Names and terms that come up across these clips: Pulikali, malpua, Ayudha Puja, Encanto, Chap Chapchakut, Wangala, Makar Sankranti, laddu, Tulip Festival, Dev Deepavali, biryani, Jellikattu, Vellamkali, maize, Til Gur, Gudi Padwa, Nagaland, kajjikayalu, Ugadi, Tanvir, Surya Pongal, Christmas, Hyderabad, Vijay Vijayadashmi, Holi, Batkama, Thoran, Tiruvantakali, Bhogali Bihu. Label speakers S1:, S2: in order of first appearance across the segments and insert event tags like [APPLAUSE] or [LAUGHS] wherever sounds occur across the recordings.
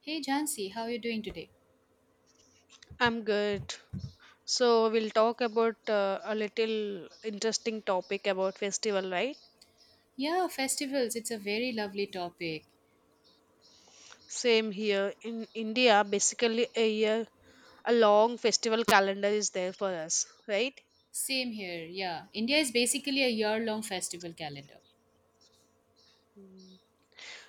S1: Hey Jansi, how are you doing today?
S2: I'm good. So we'll talk about a little interesting topic about festival, right?
S1: Yeah, festivals, it's a very lovely topic.
S2: Same here in India. Basically, a year, a long festival calendar is there for us, right?
S1: Same here, yeah. India is basically a year long festival calendar.
S2: Mm.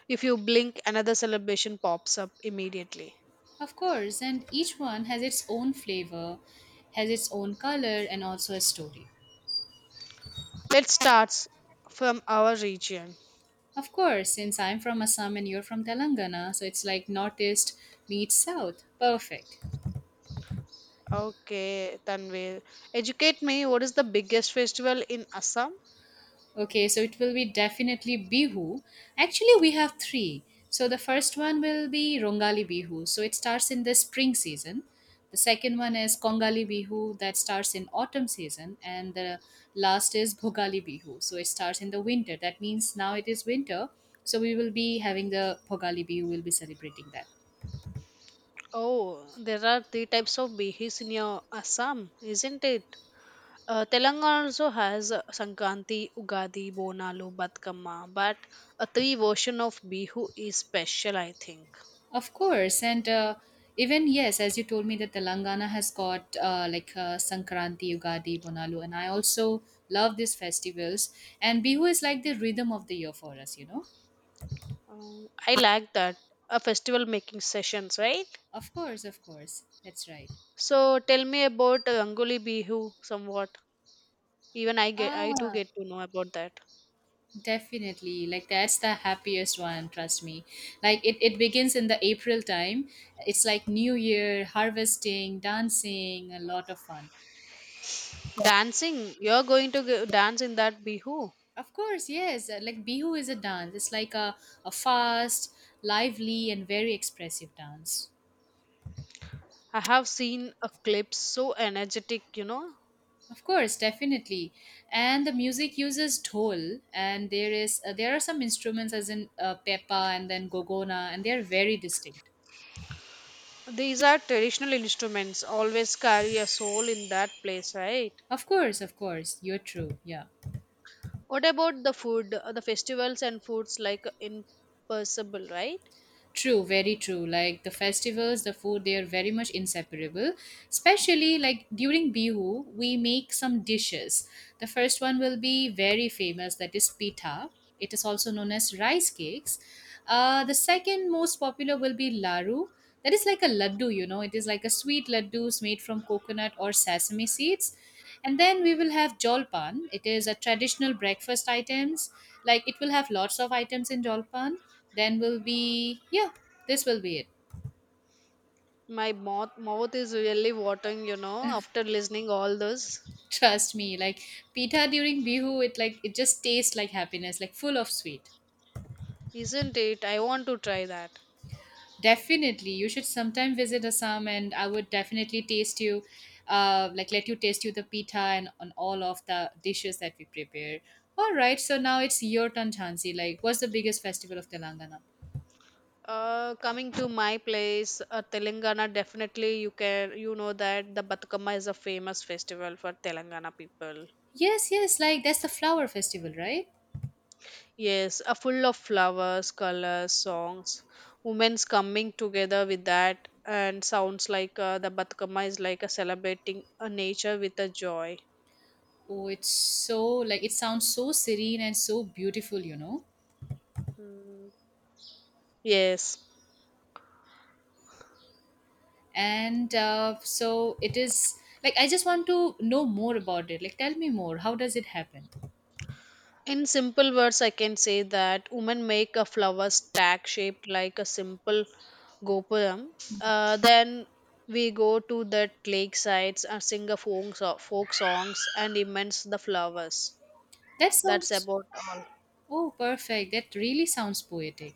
S2: If you blink, another celebration pops up immediately.
S1: Of course, and each one has its own flavor, has its own color, and also a story.
S2: Let's start s- from our region.
S1: Of course, since I'm from Assam and you're from Telangana, so it's like Northeast meets South. Perfect.
S2: Okay, Tanvir, educate me. What is the biggest festival in Assam?
S1: Okay, so it will be definitely Bihu. Actually, we have three. So the first one will be Rongali Bihu. So it starts in the spring season. The second one is Kongali Bihu that starts in autumn season. And the last is Bhogali Bihu. So it starts in the winter. That means now it is winter. So we will be having the Bhogali Bihu, we'll be celebrating that.
S2: Oh, there are three types of bihis in your Assam, isn't it? Telangana also has Sankranti, Ugadi, Bonalu, Batkama, but a three version of Bihu is special, I think.
S1: Of course, and even yes, as you told me that Telangana has got like Sankranti, Ugadi, Bonalu, and I also love these festivals. And Bihu is like the rhythm of the year for us.
S2: I like that. A festival making sessions, right?
S1: Of course, that's right.
S2: So tell me about Rangoli Bihu somewhat.
S1: Ah,
S2: I too get to know about that.
S1: definitely. Like that's the happiest one. Trust me. Like it begins in the April time. It's like New Year, harvesting, dancing, a lot of fun.
S2: Dancing, you're going to go- dance in that Bihu.
S1: Of course, yes. Like Bihu is a dance. It's like a fast, lively, and very expressive dance.
S2: I have seen a clip so energetic, you know.
S1: Of course, definitely. And the music uses dhol, and there are some instruments as in pepa and then gogona, and they are very distinct.
S2: These are traditional instruments, always carry a soul in that place, right?
S1: Of course, you're true. Yeah.
S2: What about the food, the festivals and foods like impossible, right?
S1: True, very true. Like the festivals, the food, they are very much inseparable. Especially like during Bihu, we make some dishes. The first one will be very famous, that is pita. It is also known as rice cakes. The second most popular will be laru. That is like a laddu. It is like a sweet laddus made from coconut or sesame seeds. And then we will have jolpan. It is a traditional breakfast items. Like it will have lots of items in jolpan. Then will be Yeah, this will be it.
S2: My mouth is really watering, you know, after listening all this.
S1: [LAUGHS] Trust me, like pita during bihu, it like it just tastes like happiness, like full of sweet.
S2: Isn't it? I want to try that.
S1: Definitely you should sometime visit Assam, and I would definitely taste you like let you taste you the pita and on all of the dishes that we prepare. All right, so now it's your turn, Chansi. Like what's the biggest festival of Telangana?
S2: Coming to my place, Telangana, definitely you can, you know that the Batukama is a famous festival for Telangana people.
S1: Yes, yes, like that's the flower festival, right?
S2: Yes, a full of flowers, colors, songs, women's coming together with that, and sounds like the Batkama is like a celebrating a nature with a joy.
S1: Oh, it's so, like it sounds so serene and so beautiful.
S2: Mm, yes.
S1: And so it is like I just want to know more about it. Like tell me more, how does it happen?
S2: In simple words, I can say that women make a flower stack shaped like a simple gopuram. Then we go to the lake sides and sing folk songs and immense the flowers.
S1: That
S2: That's
S1: sounds
S2: about all.
S1: Oh, perfect, that really sounds poetic.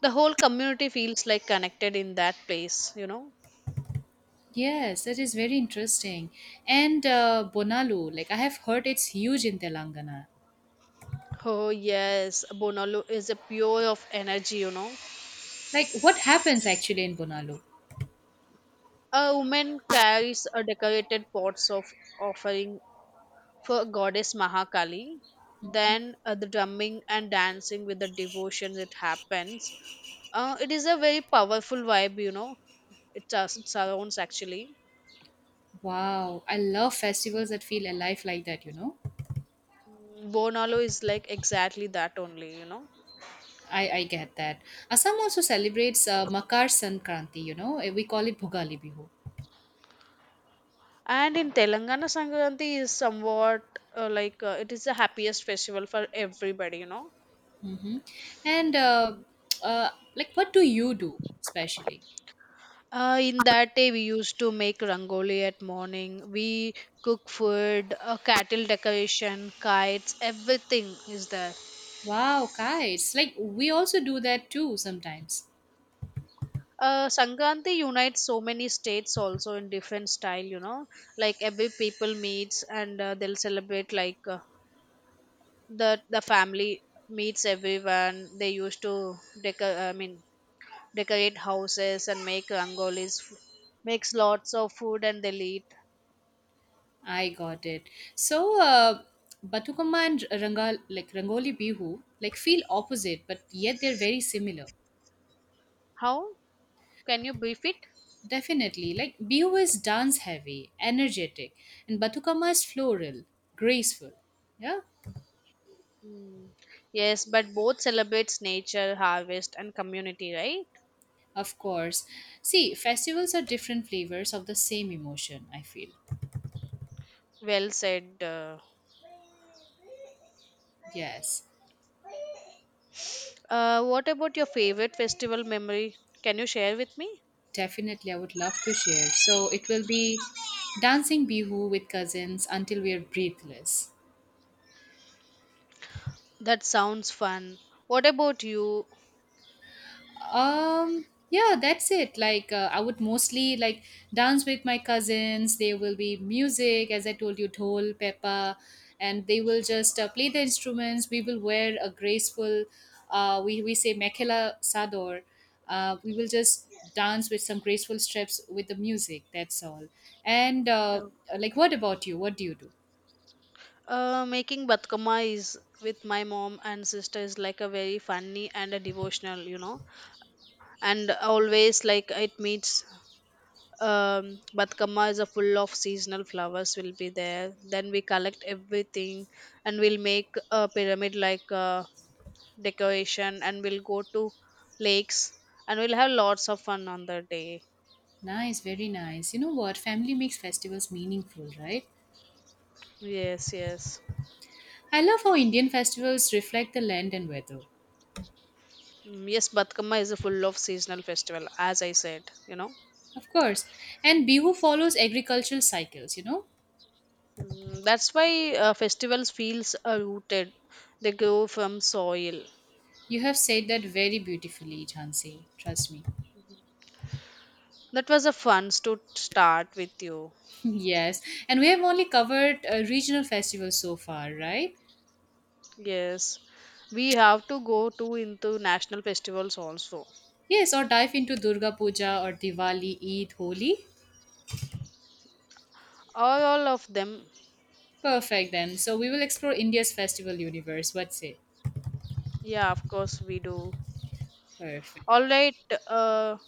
S2: The whole community feels like connected in that place, you know.
S1: Yes, that is very interesting. And bonalu, like I have heard it's huge in Telangana.
S2: Oh yes, bonolu is a pure of energy, you know.
S1: Like what happens actually in bonalu?
S2: A woman carries a decorated pots of offering for goddess Mahakali. Then the drumming and dancing with the devotion that happens. It is a very powerful vibe, you know. It it surrounds actually.
S1: Wow, I love festivals that feel alive like that.
S2: Bonalo is like exactly that only, you know.
S1: I get that. Assam also celebrates Makar Sankranti. We call it Bhugali Bihu.
S2: And in Telangana, Sankranti is somewhat it is the happiest festival for everybody, you know.
S1: Mm-hmm. And [TSK] like, what do you do especially?
S2: In that day, we used to make rangoli at morning. We cook food, cattle decoration, kites, everything is there.
S1: Wow, kites! Like we also do that too sometimes.
S2: Sankranti unites so many states also in different style, you know. Like every people meets and they'll celebrate like the family meets everyone. They used to deco- I mean decorate houses and make rangolis, makes lots of food and they'll eat.
S1: I got it. So, Batukama and like Rangoli Bihu, like feel opposite, but yet they're very similar.
S2: How can you beef it?
S1: Definitely, like Bihu is dance heavy, energetic, and Batukama is floral, graceful. Yeah,
S2: Yes, but both celebrates nature, harvest, and community, right?
S1: of course. See, festivals are different flavors of the same emotion. I feel.
S2: Well said.
S1: Yes.
S2: What about your favorite festival memory? Can you share with me?
S1: Definitely, I would love to share. So it will be dancing bihu with cousins until we are breathless.
S2: That sounds fun. What about you?
S1: Yeah, that's it. Like I would mostly like dance with my cousins. There will be music, as I told you, dhol, pepa, and they will just play the instruments. We will wear a graceful, we say mekhela sador. We will just dance with some graceful steps with the music. That's all. And
S2: Uh,
S1: like, what about you? What do you do?
S2: Making batkama is with my mom and sister is like a very funny and a devotional, you know, and always like it meets. um Batkama is a full of seasonal flowers will be there, then we collect everything and we'll make a pyramid like decoration and we'll go to lakes and we'll have lots of fun on the day.
S1: Nice, very nice. You know what? Family makes festivals meaningful, right?
S2: Yes, yes.
S1: I love how Indian festivals reflect the land and weather.
S2: Mm, yes, batkama is a full of seasonal festival as I said, you know.
S1: Of course. And Bihu follows agricultural cycles, you know?
S2: Mm, that's why festivals feels rooted. They grow from soil.
S1: You have said that very beautifully, Jhansi. Trust me.
S2: That was a fun to start with you.
S1: [LAUGHS] Yes. And we have only covered regional festivals so far, right?
S2: Yes, we have to go to into national festivals also.
S1: Yes, or dive into Durga Puja or Diwali, Eid, Holi.
S2: All of them.
S1: Perfect then. So we will explore India's festival universe. What's it?
S2: Yeah, of course we do.
S1: Perfect.
S2: All right. Uh,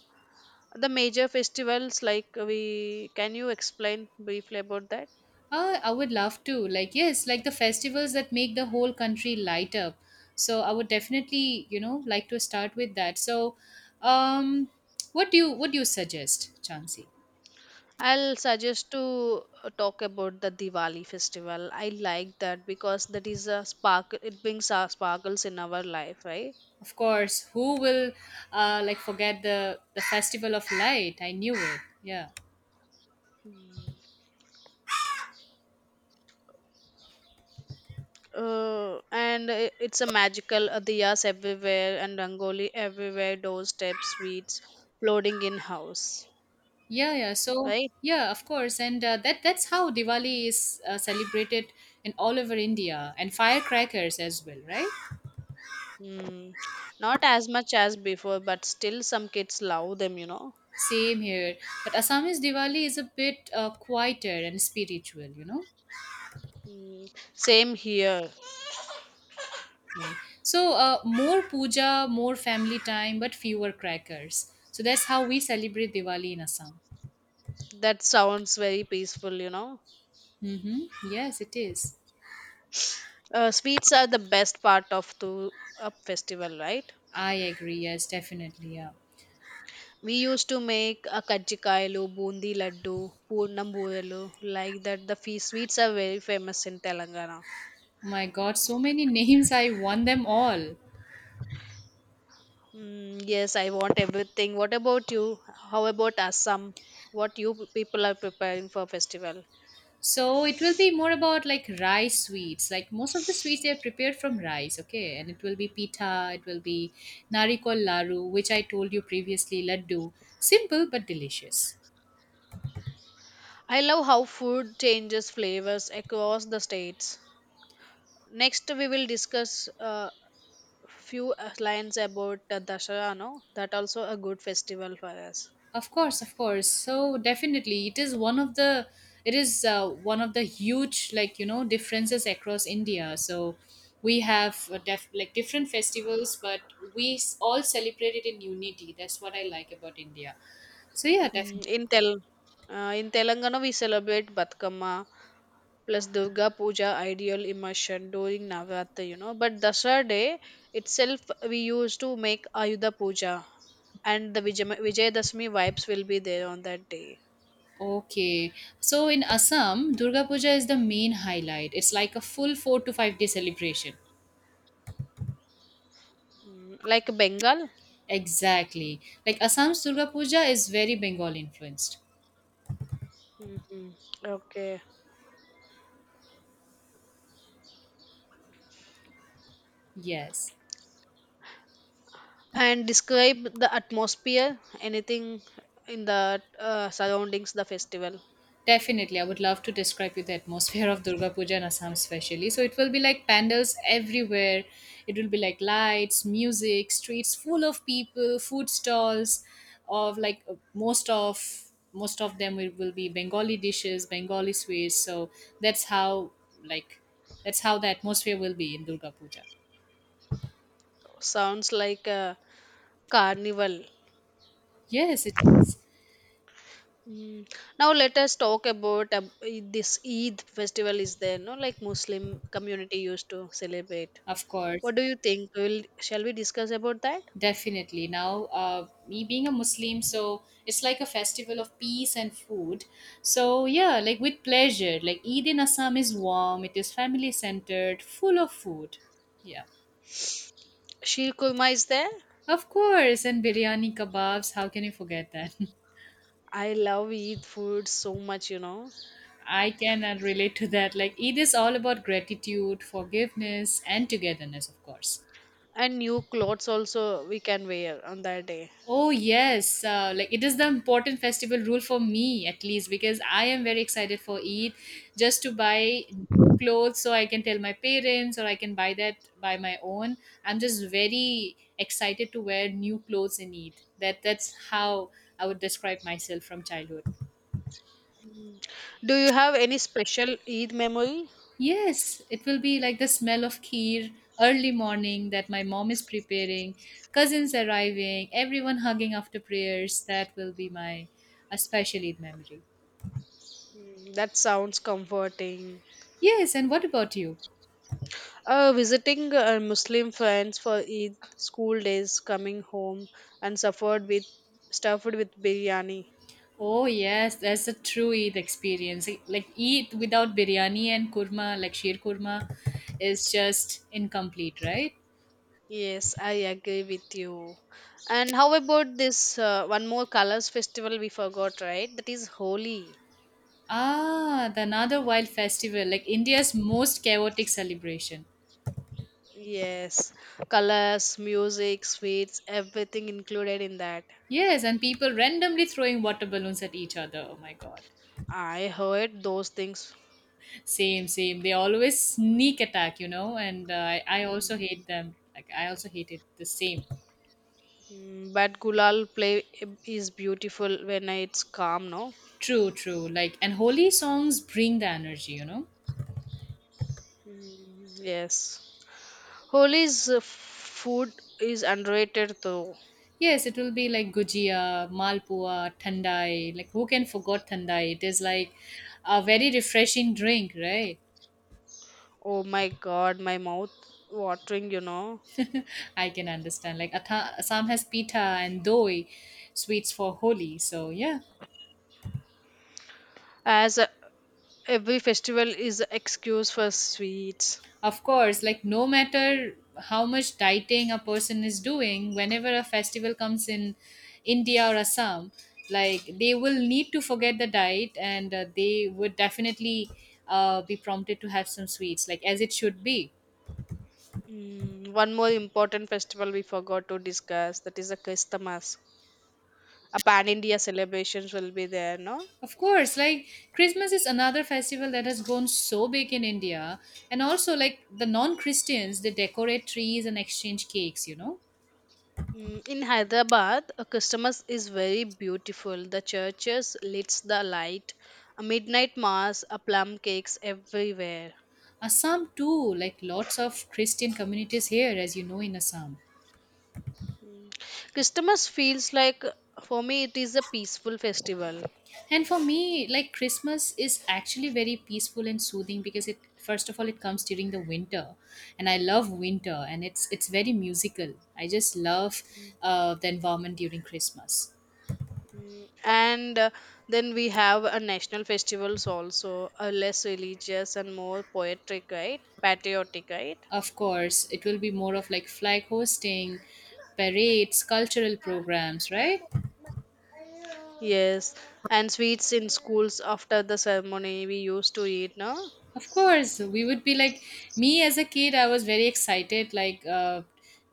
S2: the major festivals like we can you explain briefly about that?
S1: I would love to. Like, yes, like the festivals that make the whole country light up. So I would definitely, like to start with that. So, um, what do you suggest, Chansey?
S2: I'll suggest to talk about the Diwali festival. I like that because that is a spark. It brings our sparkles in our life, right?
S1: Of course, who will like forget the festival of light? I knew it. Yeah,
S2: It's a magical diyas everywhere and rangoli everywhere, doorstep sweets floating in house,
S1: yeah, yeah. So
S2: right.
S1: yeah, of course, and that's how Diwali is celebrated in all over India and firecrackers as well, right?
S2: Mm. Not as much as before, but still some kids love them, you know.
S1: Same here. But Assamese Diwali is a bit quieter and spiritual, you know?
S2: Mm. Same here.
S1: Way. So, more puja, more family time, but fewer crackers. So, that's how we celebrate Diwali in Assam.
S2: That sounds very peaceful, you know.
S1: Mm-hmm. Yes, it is.
S2: Sweets are the best part of the a festival, right.
S1: I agree. Yes, definitely. Yeah.
S2: We used to make a kajjikayalu, bundi laddu, poornam buralu, like that. The sweets are very famous in Telangana.
S1: Oh my God, so many [LAUGHS] names. I won them all.
S2: Mm, yes, I want everything. What about you? How about Assam? What you people are preparing for festival?
S1: So it will be more about like rice sweets. Like most of the sweets they are prepared from rice, okay? And it will be pita, it will be narikol laru, which I told you previously, laddu. Simple but delicious.
S2: I love how food changes flavors across the states. Next, we will discuss few lines about Dasara. No, that also a good festival for us.
S1: Of course, of course. So definitely, it is one of the it is one of the huge, like differences across India. So we have like different festivals, but all celebrate it in unity. That's what I like about India. So yeah,
S2: Mm,
S1: definitely.
S2: in Tel uh, in Telangana we celebrate Batkama plus Durga Puja ideal immersion during Navratri, you know. But Dasara day itself we used to make Ayudha Puja and the Vijayadashmi vibes will be there on that day.
S1: Okay. So in Assam, Durga Puja is the main highlight. It's like a full 4 to 5 day celebration.
S2: Mm, like Bengal?
S1: Exactly. Like Assam's Durga Puja is very Bengal influenced.
S2: Hmm. Okay.
S1: Yes.
S2: And describe the atmosphere, anything in the surroundings, the festival.
S1: Definitely, I would love to describe you the atmosphere of Durga Puja in Assam, especially. So it will be like pandals everywhere. It will be like lights, music, streets full of people, food stalls, of like most of them will be Bengali dishes, Bengali sweets. So that's how like that's how the atmosphere will be in Durga Puja.
S2: Sounds like a carnival.
S1: Yes, it is.
S2: Mm. Now let us talk about this Eid festival is there, no? Like Muslim community used to celebrate.
S1: Of course.
S2: What do you think? Will shall we discuss about that?
S1: Definitely. Now, me being a Muslim, so it's like a festival of peace and food. So, yeah, like with pleasure. Like Eid in Assam is warm, it is family centered, full of food. Yeah.
S2: Sheer kurma is there.
S1: Of course, and biryani kebabs, how can you forget that? [LAUGHS]
S2: I love Eid food so much, you know,
S1: I can relate to that. Like Eid is all about gratitude, forgiveness, and togetherness, of course.
S2: and new clothes also we can wear on that day.
S1: Oh yes, like it is the important festival rule for me at least because I am very excited for Eid just to buy new clothes so I can tell my parents or I can buy that by my own. I'm just very excited to wear new clothes in Eid. That's how I would describe myself from childhood.
S2: Do you have any special Eid memory?
S1: Yes, it will be like the smell of kheer early morning that my mom is preparing, cousins arriving, everyone hugging after prayers. That will be my a special Eid memory.
S2: Mm, that sounds comforting.
S1: Yes, and what about you?
S2: Visiting Muslim friends for Eid school days, coming home and suffered with stuffed with biryani.
S1: Oh yes, that's a true Eid experience. Like Eid without biryani and kurma, like sheer kurma, is just incomplete, right?
S2: Yes, I agree with you. And how about this one more colors festival we forgot, right? That is Holi.
S1: Ah, the another wild festival, like India's most chaotic celebration.
S2: Yes, colors, music, sweets, everything included in that.
S1: Yes, and people randomly throwing water balloons at each other. Oh my god.
S2: I heard those things.
S1: Same, same. They always sneak attack, and I also hate them. Like I also hate it the same.
S2: Mm, but Gulal play is beautiful when it's calm, no?
S1: True, true. Like and holy songs bring the energy.
S2: Mm, yes. Holi's food is underrated though.
S1: Yes, it will be like gujia, malpua, thandai. Like who can forget thandai? It is like a very refreshing drink, right?
S2: Oh my god, my mouth watering, you know.
S1: I can understand. Like Assam has pita and doi, sweets for Holi. So yeah,
S2: As every festival is an excuse for sweets.
S1: of course. Like no matter how much dieting a person is doing, whenever a festival comes in India or Assam, like they will need to forget the diet and they would definitely be prompted to have some sweets, like as it should be.
S2: Mm, one more important festival we forgot to discuss that is a Christmas. A pan India celebrations will be there, no?
S1: Of course, like Christmas is another festival that has grown so big in India. And also, like the non Christians, they decorate trees and exchange cakes.
S2: Mm, in Hyderabad, a Christmas is very beautiful. The churches lights the light, a midnight mass, a plum cakes everywhere.
S1: Assam, too, like lots of Christian communities here, as you know, in Assam.
S2: Christmas feels like, for me, it is a peaceful festival.
S1: And for me, like Christmas is actually very peaceful and soothing because it, first of all, it comes during the winter. And I love winter and it's very musical. I just love the environment during Christmas.
S2: Mm, and then we have a national festivals also, a less religious and more poetic, right, patriotic, right?
S1: Of course, it will be more of like flag hosting, parades, cultural programs, right?
S2: Yes, and sweets in schools after the ceremony we used to eat, no.
S1: Of course, we would be like me as a kid. I was very excited, like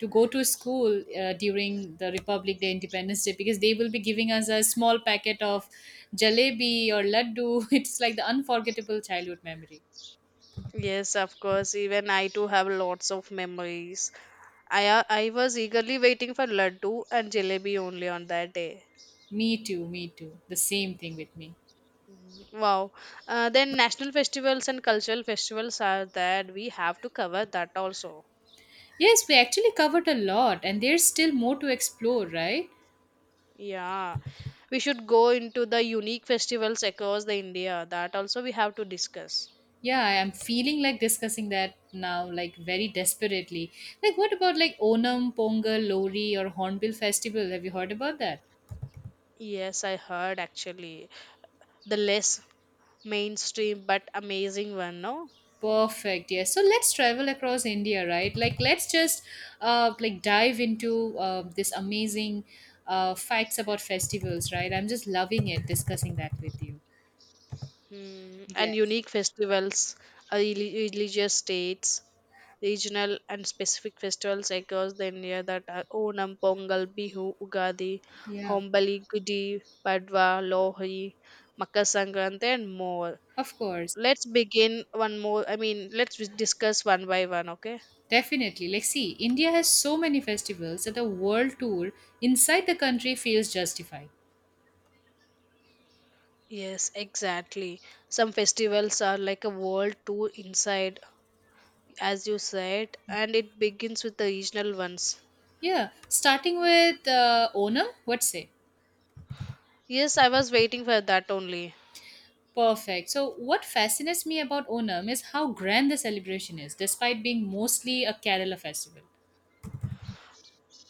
S1: to go to school during the Republic Day, Independence Day, because they will be giving us a small packet of jalebi or laddu. [LAUGHS] It's like the unforgettable childhood memory.
S2: Yes, of course, even I too have lots of memories. I was eagerly waiting for laddu and jalebi only on that day.
S1: Me too, me too. The same thing with me.
S2: Wow. Then national festivals and cultural festivals are that we have to cover that also.
S1: Yes, we actually covered a lot, and there's still more to explore, right?
S2: Yeah. We should go into the unique festivals across the India. That also we have to discuss.
S1: Yeah, I am feeling like discussing that now, like very desperately. Like, what about like Onam, Pongal, Lori, or Hornbill Festival? Have you heard about that?
S2: Yes, I heard actually. The less mainstream but amazing one, no?
S1: Perfect. Yes. So let's travel across India, right? Like, let's just dive into this amazing facts about festivals, right? I'm just loving it discussing that with you.
S2: Mm, and
S1: Yes.
S2: unique festivals, religious dates, regional and specific festivals across the India, that are Onam, Pongal, Bihu, Ugadi,
S1: Yeah.
S2: Hombali, Gudi, Padwa, Lohri, Makar Sankranti, and more.
S1: Of course.
S2: Let's begin one more. I mean, let's wi- discuss one by one, okay?
S1: Definitely. Like, see, India has so many festivals that a world tour inside the country feels justified.
S2: Yes, exactly. Some festivals are like a world tour inside, as you said, and it begins with the regional ones.
S1: Yeah, starting with Onam, what say?
S2: Yes, I was waiting for that only.
S1: Perfect. So, what fascinates me about Onam is how grand the celebration is, despite being mostly a Kerala festival.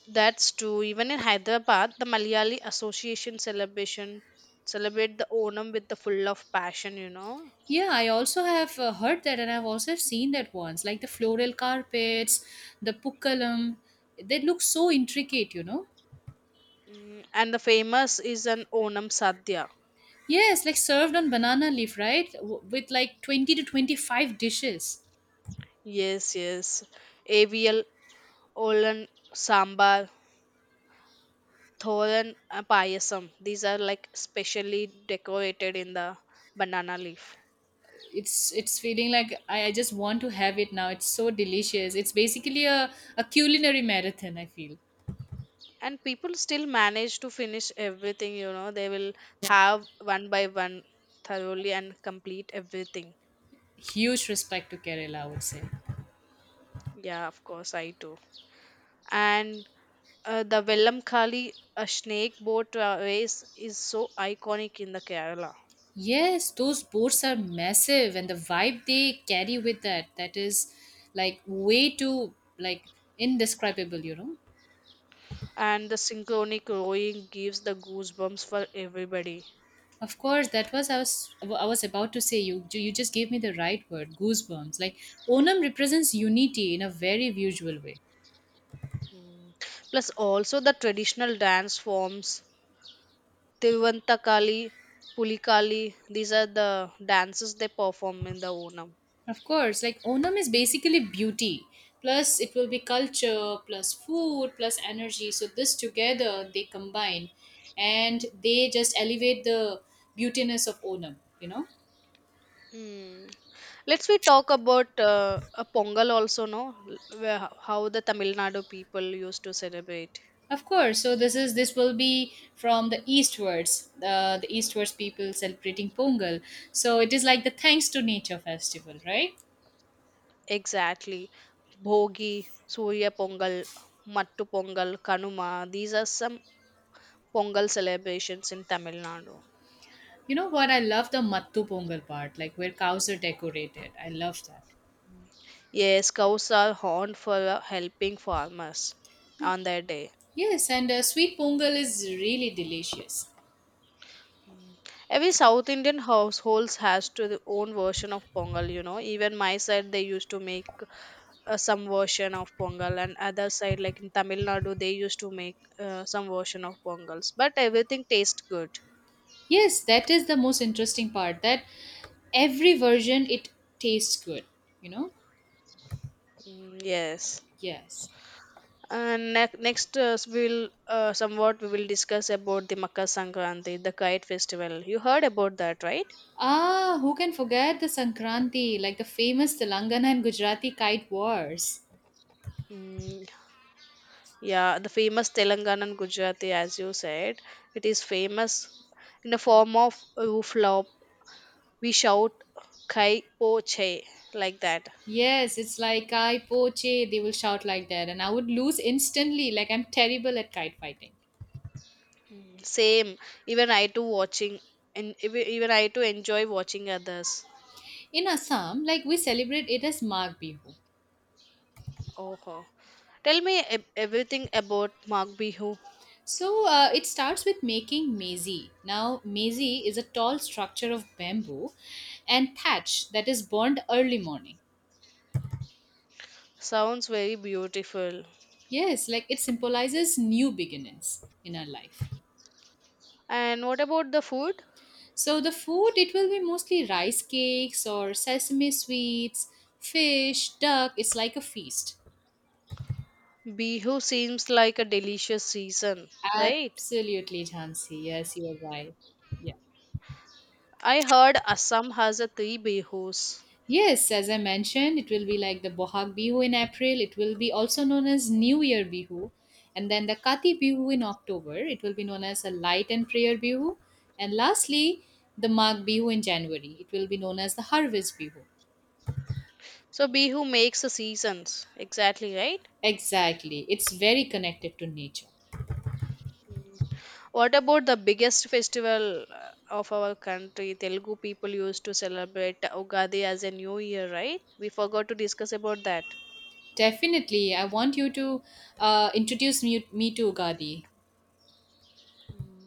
S2: That's true. Even in Hyderabad, the Malayali Association celebration celebrate the Onam with the full of passion, you know.
S1: Yeah, I also have heard that, and I've also seen that once, like the floral carpets, the pukkalam. They look so intricate, you know.
S2: Mm, and the famous is an Onam Sadhya.
S1: Yes, like served on banana leaf, right? W- with like 20 to 25 dishes.
S2: Yes, yes. Avial, Olan, Sambar, Thoran, Payasam. These are like specially decorated in the banana leaf.
S1: It's feeling like I just want to have it now. It's so delicious. It's basically a culinary marathon I feel.
S2: And people still manage to finish everything, you know. They will have one by one thoroughly and complete everything.
S1: Huge respect to Kerala, I would say.
S2: Yeah, of course, I do. And the Vellamkali, a snake boat race, is so iconic in the Kerala.
S1: Yes, those boats are massive, and the vibe they carry with that is like way too like indescribable, you know.
S2: And the synchronic rowing gives the goosebumps for everybody.
S1: Of course, that was, I was about to say, you just gave me the right word, goosebumps. Like Onam represents unity in a very visual way.
S2: Plus, also the traditional dance forms, Tiruvantakali, Pulikali, these are the dances they perform in the Onam.
S1: Of course, like Onam is basically beauty. Plus, it will be culture, plus food, plus energy. So, this together they combine and they just elevate the beautiness of Onam, you know?
S2: Hmm. Let's we talk about a Pongal also, no? How the Tamil Nadu people used to celebrate.
S1: Of course. So, this will be from the eastwards people celebrating Pongal. So, it is like the thanks to nature festival, right?
S2: Exactly. Bhogi, Surya Pongal, Mattu Pongal, Kanuma. These are some Pongal celebrations in Tamil Nadu.
S1: You know what? I love the Mattu Pongal part, like where cows are decorated. I love that.
S2: Yes, cows are horned for helping farmers on their day.
S1: Yes, and sweet Pongal is really delicious.
S2: Every South Indian households has to their own version of Pongal, you know. Even my side, they used to make some version of Pongal, and other side, like in Tamil Nadu, they used to make some version of Pongals. But everything tastes good.
S1: Yes, that is the most interesting part that every version it tastes good, you know?
S2: Mm, yes.
S1: Yes.
S2: And next, we'll somewhat we will discuss about the Makar Sankranti, the kite festival. You heard about that, right?
S1: Ah, who can forget the Sankranti, like the famous Telangana and Gujarati kite wars?
S2: Mm, yeah, the famous Telanganan Gujarati, as you said, it is famous in the form of roof flop. We shout "Kai po che" like that.
S1: Yes, it's like Kai Poche, they will shout like that, and I would lose instantly, like I'm terrible at kite fighting.
S2: Mm, same. Even I too watching, and even I too enjoy watching others.
S1: In Assam, like we celebrate it as Mag Bihu.
S2: Oh, ho. Tell me everything about Mag Bihu.
S1: So it starts with making maize. Now, maize is a tall structure of bamboo and thatch that is burned early morning.
S2: Sounds very beautiful.
S1: Yes, like it symbolizes new beginnings in our life.
S2: And what about the food?
S1: So the food, it will be mostly rice cakes or sesame sweets, fish, duck. It's like a feast.
S2: Bihu seems like a delicious season, right?
S1: Absolutely, Jansi. Yes, you are right. Yeah.
S2: I heard Assam has a three bihus.
S1: Yes, as I mentioned, it will be like the Bohag Bihu in April. It will be also known as New Year Bihu. And then the Kati Bihu in October. It will be known as a Light and Prayer Bihu. And lastly, the Mag Bihu in January. It will be known as the Harvest Bihu.
S2: So Bihu makes the seasons, exactly, right?
S1: Exactly. It's very connected to nature.
S2: Mm. What about the biggest festival of our country? Telugu people used to celebrate Ugadi as a new year, right? We forgot to discuss about that.
S1: Definitely. I want you to introduce me to Ugadi.
S2: Mm.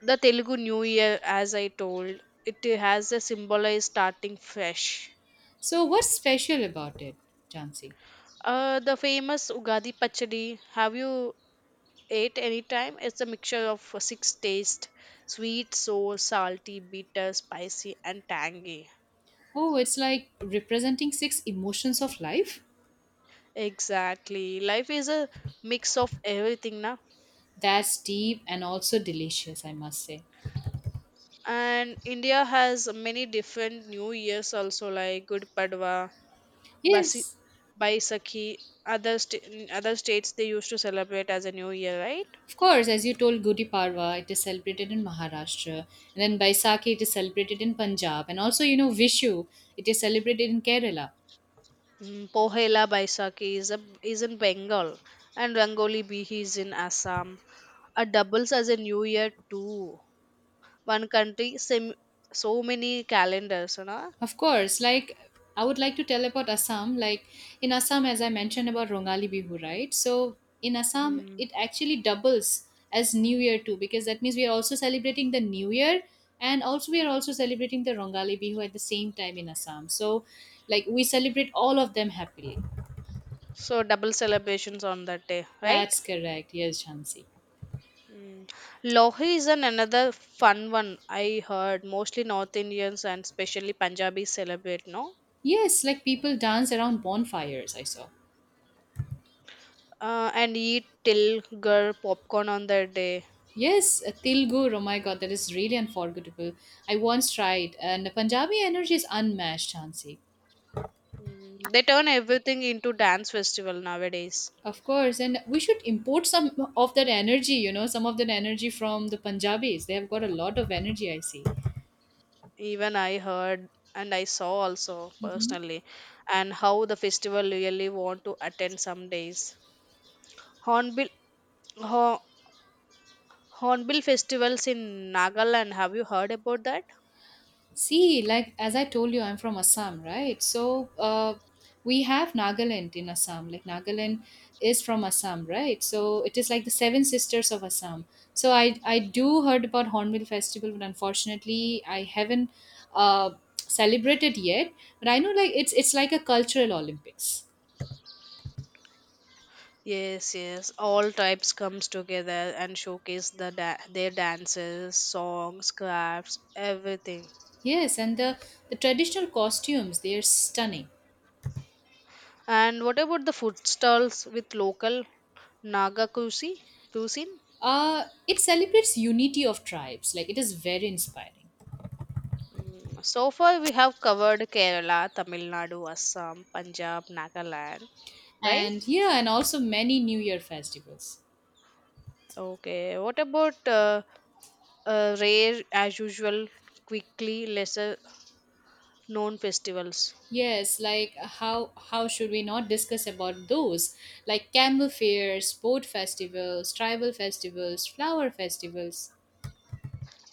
S2: The Telugu New Year, as I told, it has a symbolized starting fresh.
S1: So, what's special about it, Jansi?
S2: The famous Ugadi Pachadi. Have you ate any time? It's a mixture of six tastes: sweet, sour, salty, bitter, spicy, and tangy.
S1: Oh, it's like representing six emotions of life?
S2: Exactly. Life is a mix of everything, na.
S1: That's deep and also delicious, I must say.
S2: And India has many different New Years also, like Good Padwa, Basi,
S1: Yes,
S2: Baisakhi. In other states they used to celebrate as a New Year, right?
S1: of course, as you told, Gudi Parva, it is celebrated in Maharashtra, and then Baisakhi, it is celebrated in Punjab, and also, you know, Vishu, it is celebrated in Kerala.
S2: Pohela Baisakhi is in Bengal and Rangoli Bihi is in Assam. It doubles as a new year too. One country, sim, so many calendars, you know.
S1: Of course, like I would like to tell about Assam. Like in Assam, as I mentioned about Rongali Bihu, right? So in Assam,
S2: Mm.
S1: it actually doubles as New Year too, because that means we are also celebrating the New Year and also we are also celebrating the Rongali Bihu at the same time in Assam. So like we celebrate all of them happily.
S2: So double celebrations on that day, right?
S1: That's correct. Yes, Shansi.
S2: Mm. Lohi is an another fun one I heard. Mostly North Indians and especially Punjabis celebrate, no?
S1: Yes, like people dance around bonfires, I saw.
S2: And eat till girl popcorn on that day.
S1: Yes, Til Gur, oh my god, that is really unforgettable. I once tried, and the Punjabi energy is unmatched, Hansi.
S2: Mm, they turn everything into dance festival nowadays.
S1: Of course, and we should import some of that energy, you know, some of that energy from the Punjabis. They have got a lot of energy, I see.
S2: Even I heard, and I saw also personally, and how the festival really want to attend some days. Hornbill. Ho- Hornbill festivals in Nagaland, have you heard about that?
S1: See, like as I told you, I'm from Assam, right? So we have Nagaland in Assam. Like Nagaland is from Assam, right? So it is like the Seven Sisters of Assam. So I do heard about Hornbill Festival, but unfortunately I haven't uh, celebrated yet. But I know like it's like a cultural Olympics.
S2: Yes, yes, all tribes comes together and showcase their dances, songs, crafts, everything.
S1: Yes, and the traditional costumes, they are stunning.
S2: And what about the food stalls with local naga cuisine?
S1: It celebrates unity of tribes. Like it is very inspiring.
S2: Mm, so far we have covered Kerala, Tamil Nadu, Assam, Punjab, Nagaland, right?
S1: And yeah, and also many new year festivals.
S2: Okay. What about rare, as usual, quickly lesser known festivals?
S1: Yes, like how should we not discuss about those, like camel fairs, sport festivals, tribal festivals, flower festivals.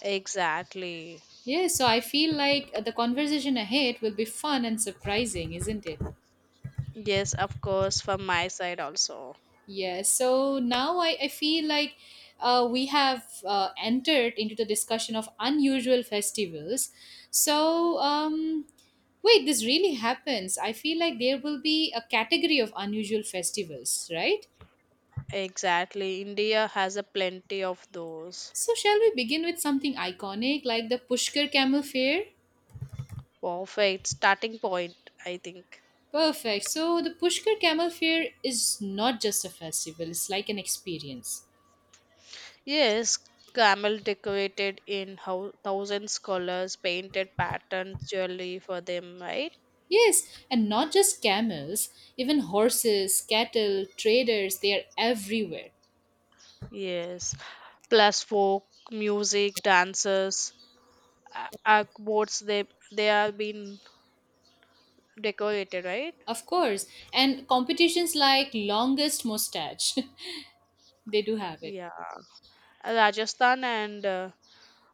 S2: Exactly.
S1: Yes, so I feel like the conversation ahead will be fun and surprising, isn't it?
S2: Yes, of course, from my side also.
S1: Yes. So now, I feel like we have entered into the discussion of unusual festivals. So, wait, this really happens. I feel like there will be a category of unusual festivals, right?
S2: Exactly. India has a plenty of those.
S1: So, shall we begin with something iconic like the Pushkar Camel Fair?
S2: Perfect starting point, I think.
S1: Perfect. So, the Pushkar Camel Fair is not just a festival, it's like an experience.
S2: Yes, camel decorated in how thousands colors, painted patterns, jewelry for them, right?
S1: Yes, and not just camels, even horses, cattle, traders, they are everywhere.
S2: Yes. Plus folk, music, dancers, a- akboards, they are being decorated, right?
S1: Of course. And competitions like longest mustache, [LAUGHS] they do have it.
S2: Yeah. Rajasthan and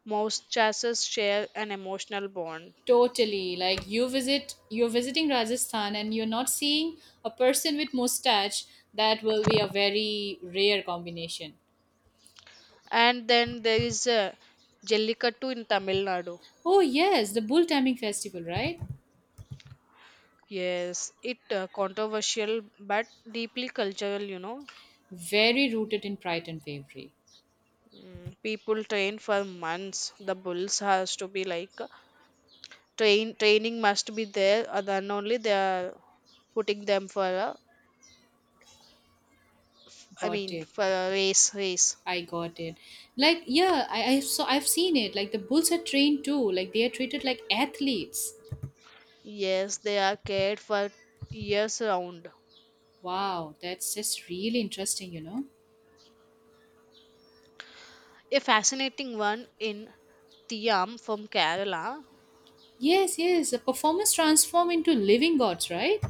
S2: most chasses share an emotional bond.
S1: Totally. Like you're visiting Rajasthan and you're not seeing a person with mustache, that will be a very rare combination.
S2: And then there is Jellikattu in Tamil Nadu.
S1: Oh yes, the bull timing festival, right?
S2: Yes, it controversial but deeply cultural, you know.
S1: Very rooted in pride and bravery.
S2: Mm, people train for months. The bulls has to be like train training must be there, then only they are putting them for a, I
S1: Got
S2: mean
S1: it.
S2: for a race.
S1: I got it. Like, yeah, I so I've seen it. Like the bulls are trained too. Like they are treated like athletes.
S2: Yes, they are cared for years round.
S1: Wow, that's just really interesting, you know?
S2: A fascinating one in Tiam from Kerala.
S1: Yes, yes. The performers transform into living gods, right?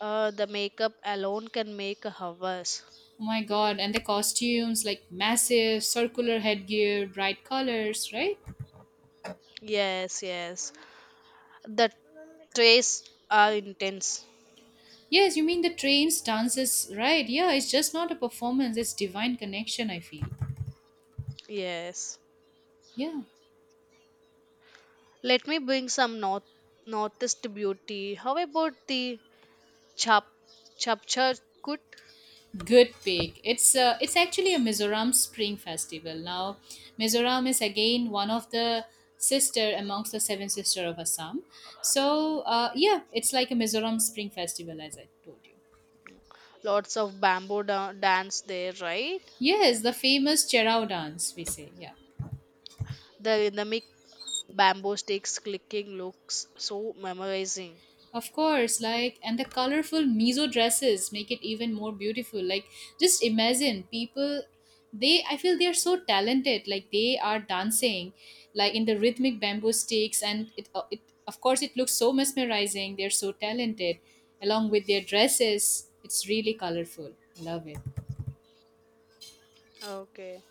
S2: The makeup alone can make hours.
S1: Oh my god, and the costumes, like massive circular headgear, bright colors, right?
S2: Yes, yes. The trays are intense.
S1: Yes, you mean the trains, dances, right? Yeah, it's just not a performance, it's divine connection, I feel.
S2: Yes.
S1: Yeah.
S2: Let me bring some northeast beauty. How about the Chap Chapchakut?
S1: Good pick. It's it's actually a Mizoram Spring Festival. Now, Mizoram is again one of the sister amongst the seven sister of Assam. So yeah, it's like a Mizoram Spring Festival as I told you.
S2: Lots of bamboo dance there, right?
S1: Yes, the famous Cherao dance we say. Yeah.
S2: The rhythmic bamboo sticks clicking looks so memorizing.
S1: Of course, like, and the colorful miso dresses make it even more beautiful. Like, just imagine people, they, I feel they are so talented. Like, they are dancing, like, in the rhythmic bamboo sticks, and it, it of course, it looks so mesmerizing. They're so talented. Along with their dresses, it's really colorful. Love it.
S2: Okay.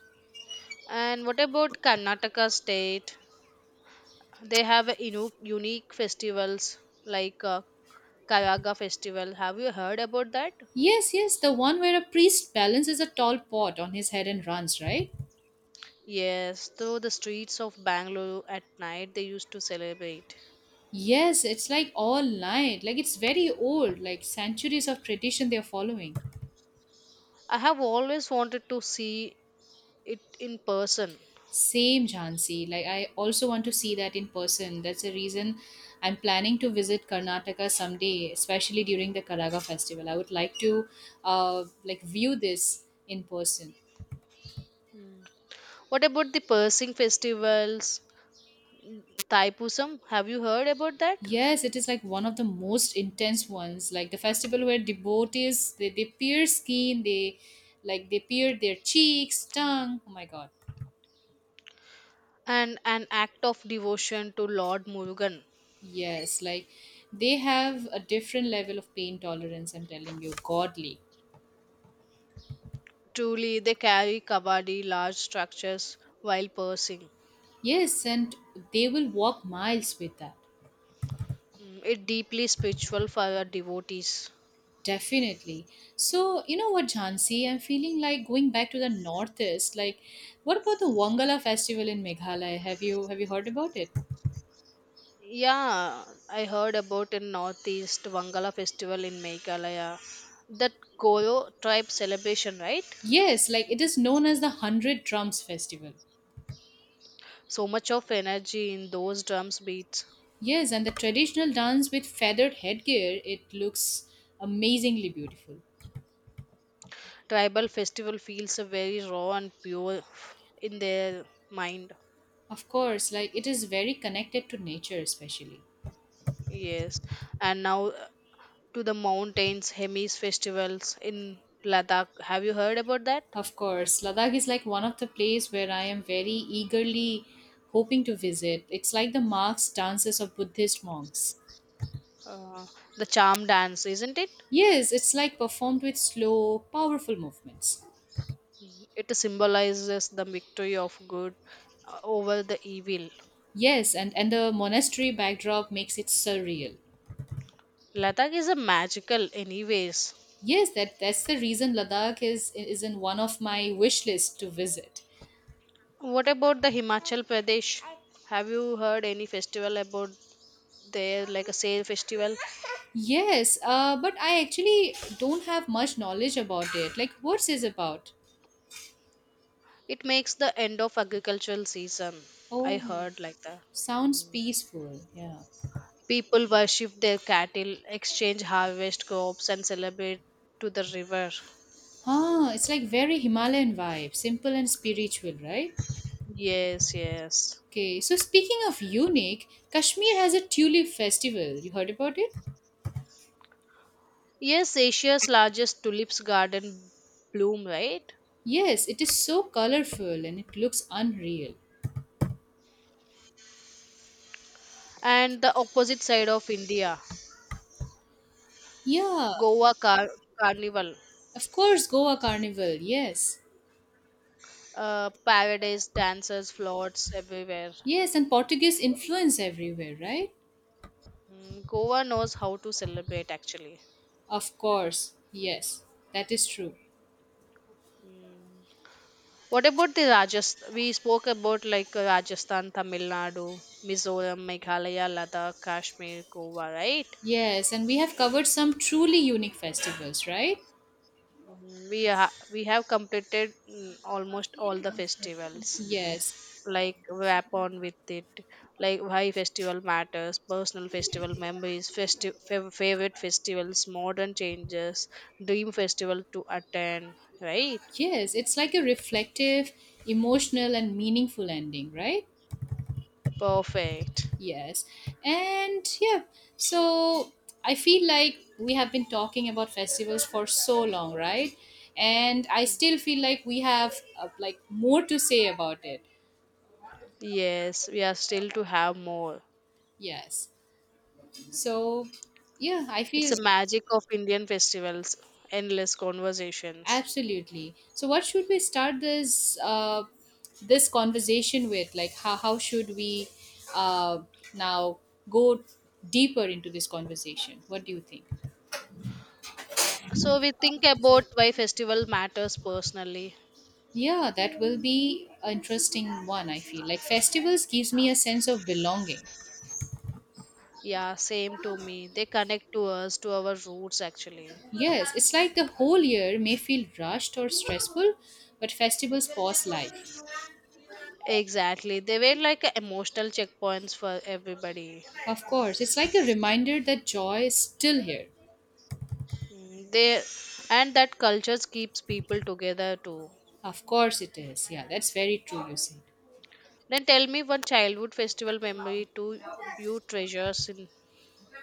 S2: And what about Karnataka state? They have a unique festivals like Karaga festival. Have you heard about that?
S1: Yes, yes, the one where a priest balances a tall pot on his head and runs, right?
S2: Yes, through the streets of Bangalore at night they used to celebrate.
S1: Yes, it's like all night. Like it's very old, like centuries of tradition they're following.
S2: I have always wanted to see it in person.
S1: Same, Jhansi. Like I also want to see that in person. That's the reason I'm planning to visit Karnataka someday, especially during the Karaga festival. I would like to view this in person.
S2: What about the Pershing festivals? Taipusam, have you heard about that?
S1: Yes, it is like one of the most intense ones. Like the festival where devotees they, pierce skin, they like they pierce their cheeks, tongue. Oh my god.
S2: And an act of devotion to Lord Murugan.
S1: Yes, like they have a different level of pain tolerance, I'm telling you, godly.
S2: Truly, they carry kabadi large structures while Pershing.
S1: Yes, and they will walk miles with that,
S2: Mm, it deeply spiritual for our devotees.
S1: definitely. So, you know what, Jhansi, I'm feeling like going back to the northeast. Like, what about the Wangala festival in Meghalaya? Have you heard about it?
S2: Yeah, I heard about in Northeast Wangala festival in Meghalaya. That Goro tribe celebration, right?
S1: Yes, like it is known as the Hundred Drums Festival.
S2: So much of energy in those drums beats.
S1: Yes, and the traditional dance with feathered headgear, it looks amazingly beautiful.
S2: Tribal festival feels very raw and pure in their mind.
S1: Of course, like it is very connected to nature, especially.
S2: Yes. And now to the mountains, Hemis festivals in Ladakh. Have you heard about that?
S1: Of course, Ladakh is like one of the place where I am very eagerly hoping to visit. It's like the marks dances of Buddhist monks.
S2: Uh, the charm dance, isn't it?
S1: Yes, it's like performed with slow, powerful movements.
S2: It symbolizes the victory of good over the evil.
S1: Yes, and the monastery backdrop makes it surreal.
S2: Ladakh is a magical, anyways.
S1: Yes, that's the reason Ladakh is in one of my wish list to visit.
S2: What about the Himachal Pradesh? Have you heard any festival about there, like a sale festival?
S1: Yes, but I actually don't have much knowledge about it. Like, what's this about?
S2: It makes the end of agricultural season, I
S1: Oh,
S2: heard like that.
S1: sounds peaceful. Yeah.
S2: People worship their cattle, exchange harvest crops, and celebrate to the river.
S1: Huh, it's like very Himalayan vibe, simple and spiritual, right?
S2: Yes,
S1: Okay, so speaking of unique, Kashmir has a tulip festival. You heard about it?
S2: yes, Asia's largest tulips garden bloom, right?
S1: Yes, it is so colorful and it looks unreal.
S2: And the opposite side of India,
S1: Yeah,
S2: Goa carnival.
S1: of course, Goa Carnival. Yes.
S2: Paradise, dancers, floats everywhere.
S1: Yes, and Portuguese influence everywhere, right?
S2: Mm, Goa knows how to celebrate actually.
S1: Of course. Yes, that is true.
S2: Mm. What about the Rajasthan? We spoke about like Rajasthan, Tamil Nadu, Mizoram, Meghalaya, Ladakh, Kashmir, Goa, right?
S1: Yes, and we have covered some truly unique festivals, right?
S2: Mm, we have completed almost all the festivals.
S1: Yes.
S2: Like wrap on with it. Like why festival matters, personal festival memories, favorite festivals, modern changes, dream festival to attend, right?
S1: Yes, it's like a reflective, emotional, and meaningful ending, right?
S2: Perfect.
S1: Yes. And yeah, so I feel like we have been talking about festivals for so long, right? And I still feel like we have more to say about it.
S2: Yes, we are still to have more.
S1: Yes. So yeah, I feel.
S2: It's the magic of Indian festivals, endless conversations.
S1: Absolutely. So, what should we start this this conversation with? Like, how should we uh, now go deeper into this conversation? What do you think?
S2: So we think about why festival matters personally.
S1: Yeah, that will be an interesting one. I feel like festivals gives me a sense of belonging.
S2: Yeah, same to me. They connect to us, to our roots actually.
S1: Yes, it's like the whole year may feel rushed or stressful, but festivals pause life.
S2: Exactly. They were like emotional checkpoints for everybody.
S1: Of course, it's like a reminder that joy is still here.
S2: Mm, they and that cultures keeps people together too.
S1: Of course it is. Yeah, that's very true, you said.
S2: Then tell me one childhood festival memory to you treasures in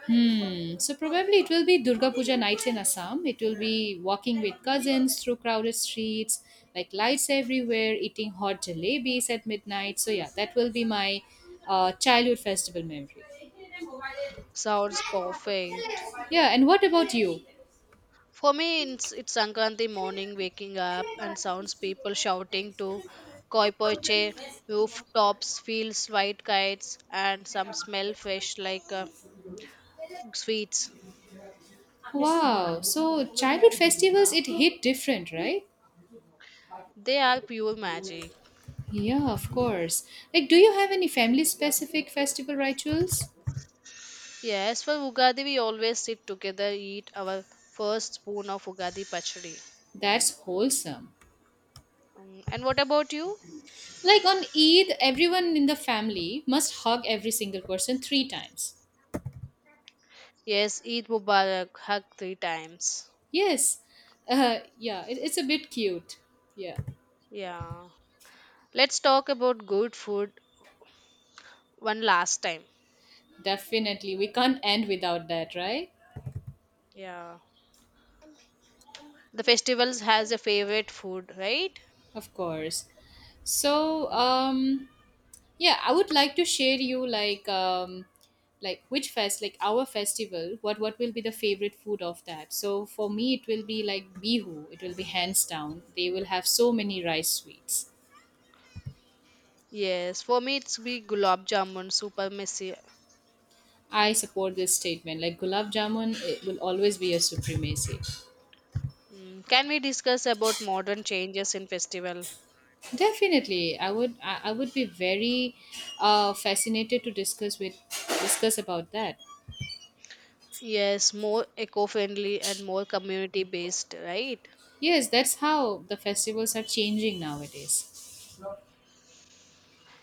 S1: Hmm. So probably it will be Durga Puja nights in Assam. It will be walking with cousins through crowded streets, like lights everywhere, eating hot jalebis at midnight. So yeah, that will be my childhood festival memory.
S2: sounds perfect.
S1: Yeah, and what about you?
S2: For me, it's Sankranti morning, waking up and sounds people shouting to koi poche, rooftops, fields, white kites, and some smell fresh like sweets.
S1: Wow. So childhood festivals it hit different, right?
S2: They are pure magic.
S1: Yeah, of course. Like do you have any family specific festival rituals?
S2: Yes, for Ugadi, we always sit together, eat our first spoon of Ugadi pachadi.
S1: That's wholesome.
S2: Mm, and what about you?
S1: Like on Eid, everyone in the family must hug every single person three times.
S2: Yes, Eid Mubarak, hug three times.
S1: Yes. Yeah, it's a bit cute. Yeah,
S2: Yeah. Let's talk about good food one last time.
S1: definitely. We can't end without that, right?
S2: Yeah. The festivals has a favorite food, right?
S1: Of course. So, yeah, I would like to share you like which like our festival. What will be the favorite food of that? So for me, it will be like Bihu. It will be hands down. They will have so many rice sweets.
S2: Yes, for me it's be gulab jamun, super messy.
S1: I support this statement. Like gulab jamun, it will always be a supremacy.
S2: Mm, can we discuss about modern changes in festival?
S1: Definitely, I would. I would be very fascinated to discuss about that.
S2: Yes, more eco-friendly and more community-based, right?
S1: Yes, that's how the festivals are changing nowadays.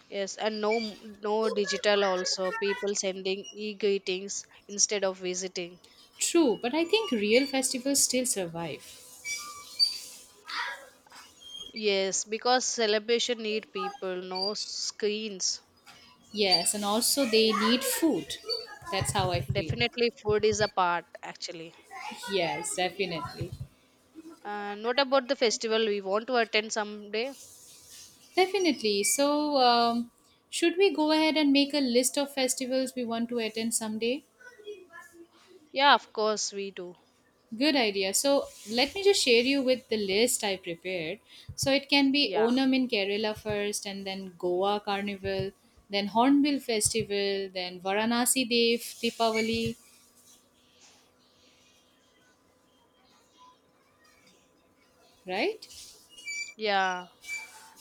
S2: Yes, and no digital also. People sending e-greetings instead of visiting.
S1: True, but I think real festivals still survive.
S2: Yes, because celebration need people, no screens.
S1: Yes, and also they need food. That's how I feel.
S2: Definitely food is a part actually.
S1: Yes, definitely.
S2: And what about the festival we want to attend someday?
S1: Definitely. So, should we go ahead and make a list of festivals we want to attend someday?
S2: Yeah, of course we do.
S1: Good idea. So let me just share you with the list I prepared. So it can be
S2: Yeah.
S1: Onam in Kerala first, and then Goa Carnival, then Hornbill Festival, then Varanasi Dev Deepavali, right?
S2: Yeah.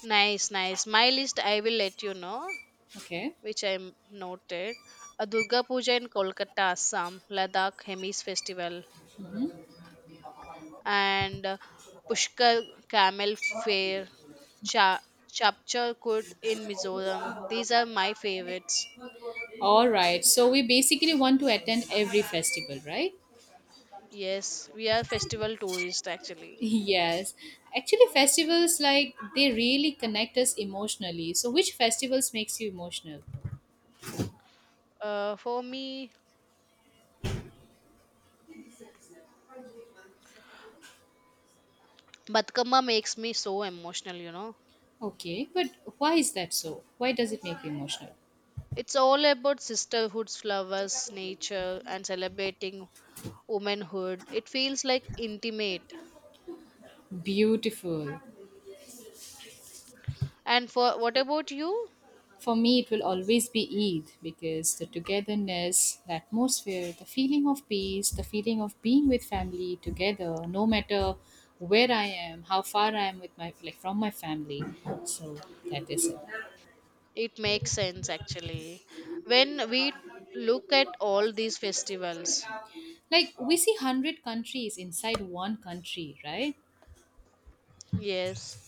S2: Nice, nice. My list I will let you know,
S1: Okay.
S2: which I noted. A Durga Puja in Kolkata, Assam, Ladakh Hemis Festival, and Pushkar Camel Fair, Cha Chapchakut in Mizoram. These are my favorites.
S1: All right. So we basically want to attend every festival, right?
S2: Yes, we are festival tourists
S1: [LAUGHS]
S2: actually.
S1: Yes. Actually, festivals like they really connect us emotionally. So which festivals makes you emotional?
S2: For me, Batkama makes me so emotional, you know.
S1: Okay, but why is that so? Why does it make you emotional?
S2: It's all about sisterhoods, flowers, nature, and celebrating womanhood. It feels like intimate.
S1: Beautiful.
S2: And for what about you?
S1: For me, it will always be Eid because the togetherness, the atmosphere, the feeling of peace, the feeling of being with family together, no matter where I am, how far I am with my like from my family. So that is it.
S2: It makes sense actually. When we look at all these festivals,
S1: Like we see 100 countries inside one country, right?
S2: yes,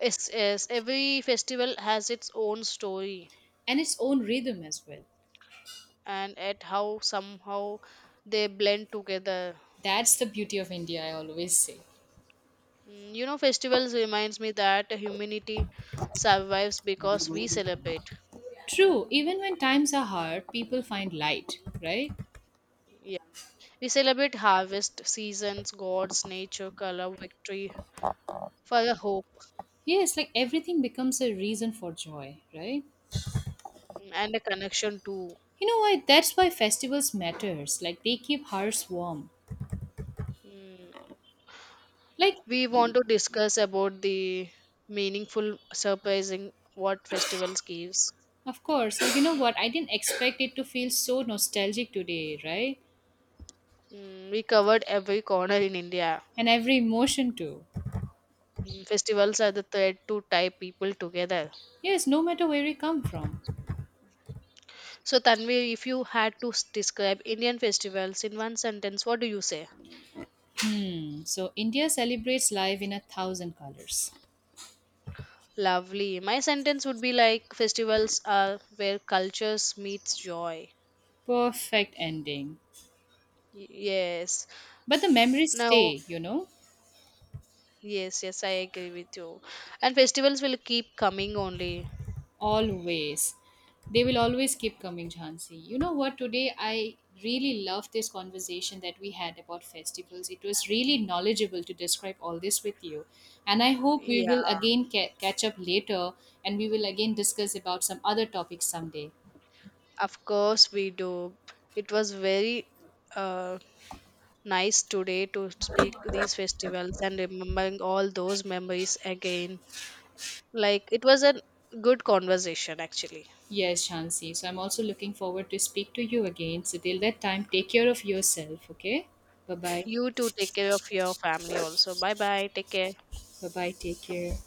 S2: yes, yes, every festival has its own story
S1: And its own rhythm as well.
S2: and at how somehow they blend together.
S1: That's the beauty of India, I always say.
S2: Mm, you know, festivals reminds me that humanity survives because we celebrate.
S1: True, even when times are hard, people find light, right?
S2: We celebrate harvest, seasons, gods, nature, color, victory for a hope.
S1: Yes, like everything becomes a reason for joy, right?
S2: Mm, and a connection too.
S1: You know why? That's why festivals matters. Like they keep hearts warm.
S2: Mm.
S1: Like
S2: We want to discuss about the meaningful, surprising what festivals gives.
S1: of course, like you know what? I didn't expect it to feel so nostalgic today, right?
S2: Mm, we covered every corner in India.
S1: And every emotion too.
S2: Mm, festivals are the thread to tie people together.
S1: Yes, no matter where we come from.
S2: So, Tanvi, if you had to describe Indian festivals in one sentence, what do you say?
S1: Mm, so India celebrates life in 1,000 colors.
S2: Lovely. My sentence would be like festivals are where cultures meets joy.
S1: Perfect ending.
S2: Yes.
S1: But the memories
S2: Now,
S1: stay, you know?
S2: yes, yes, I agree with you. And festivals will keep coming only.
S1: Always. They will always keep coming, Jhansi. You know what? Today I really love this conversation that we had about festivals. It was really knowledgeable to describe all this with you. And I hope we will
S2: Yeah,
S1: again catch up later and we will again discuss about some other topics someday.
S2: of course we do. It was very uh, nice today to speak these festivals and remembering all those memories again. Like it was a good conversation actually.
S1: Yes, Jhansi. So I'm also looking forward to speak to you again. So till that time, take care of yourself, okay? Bye-bye.
S2: You too take care of your family also. Bye bye. Take care.
S1: Bye-bye. Take care.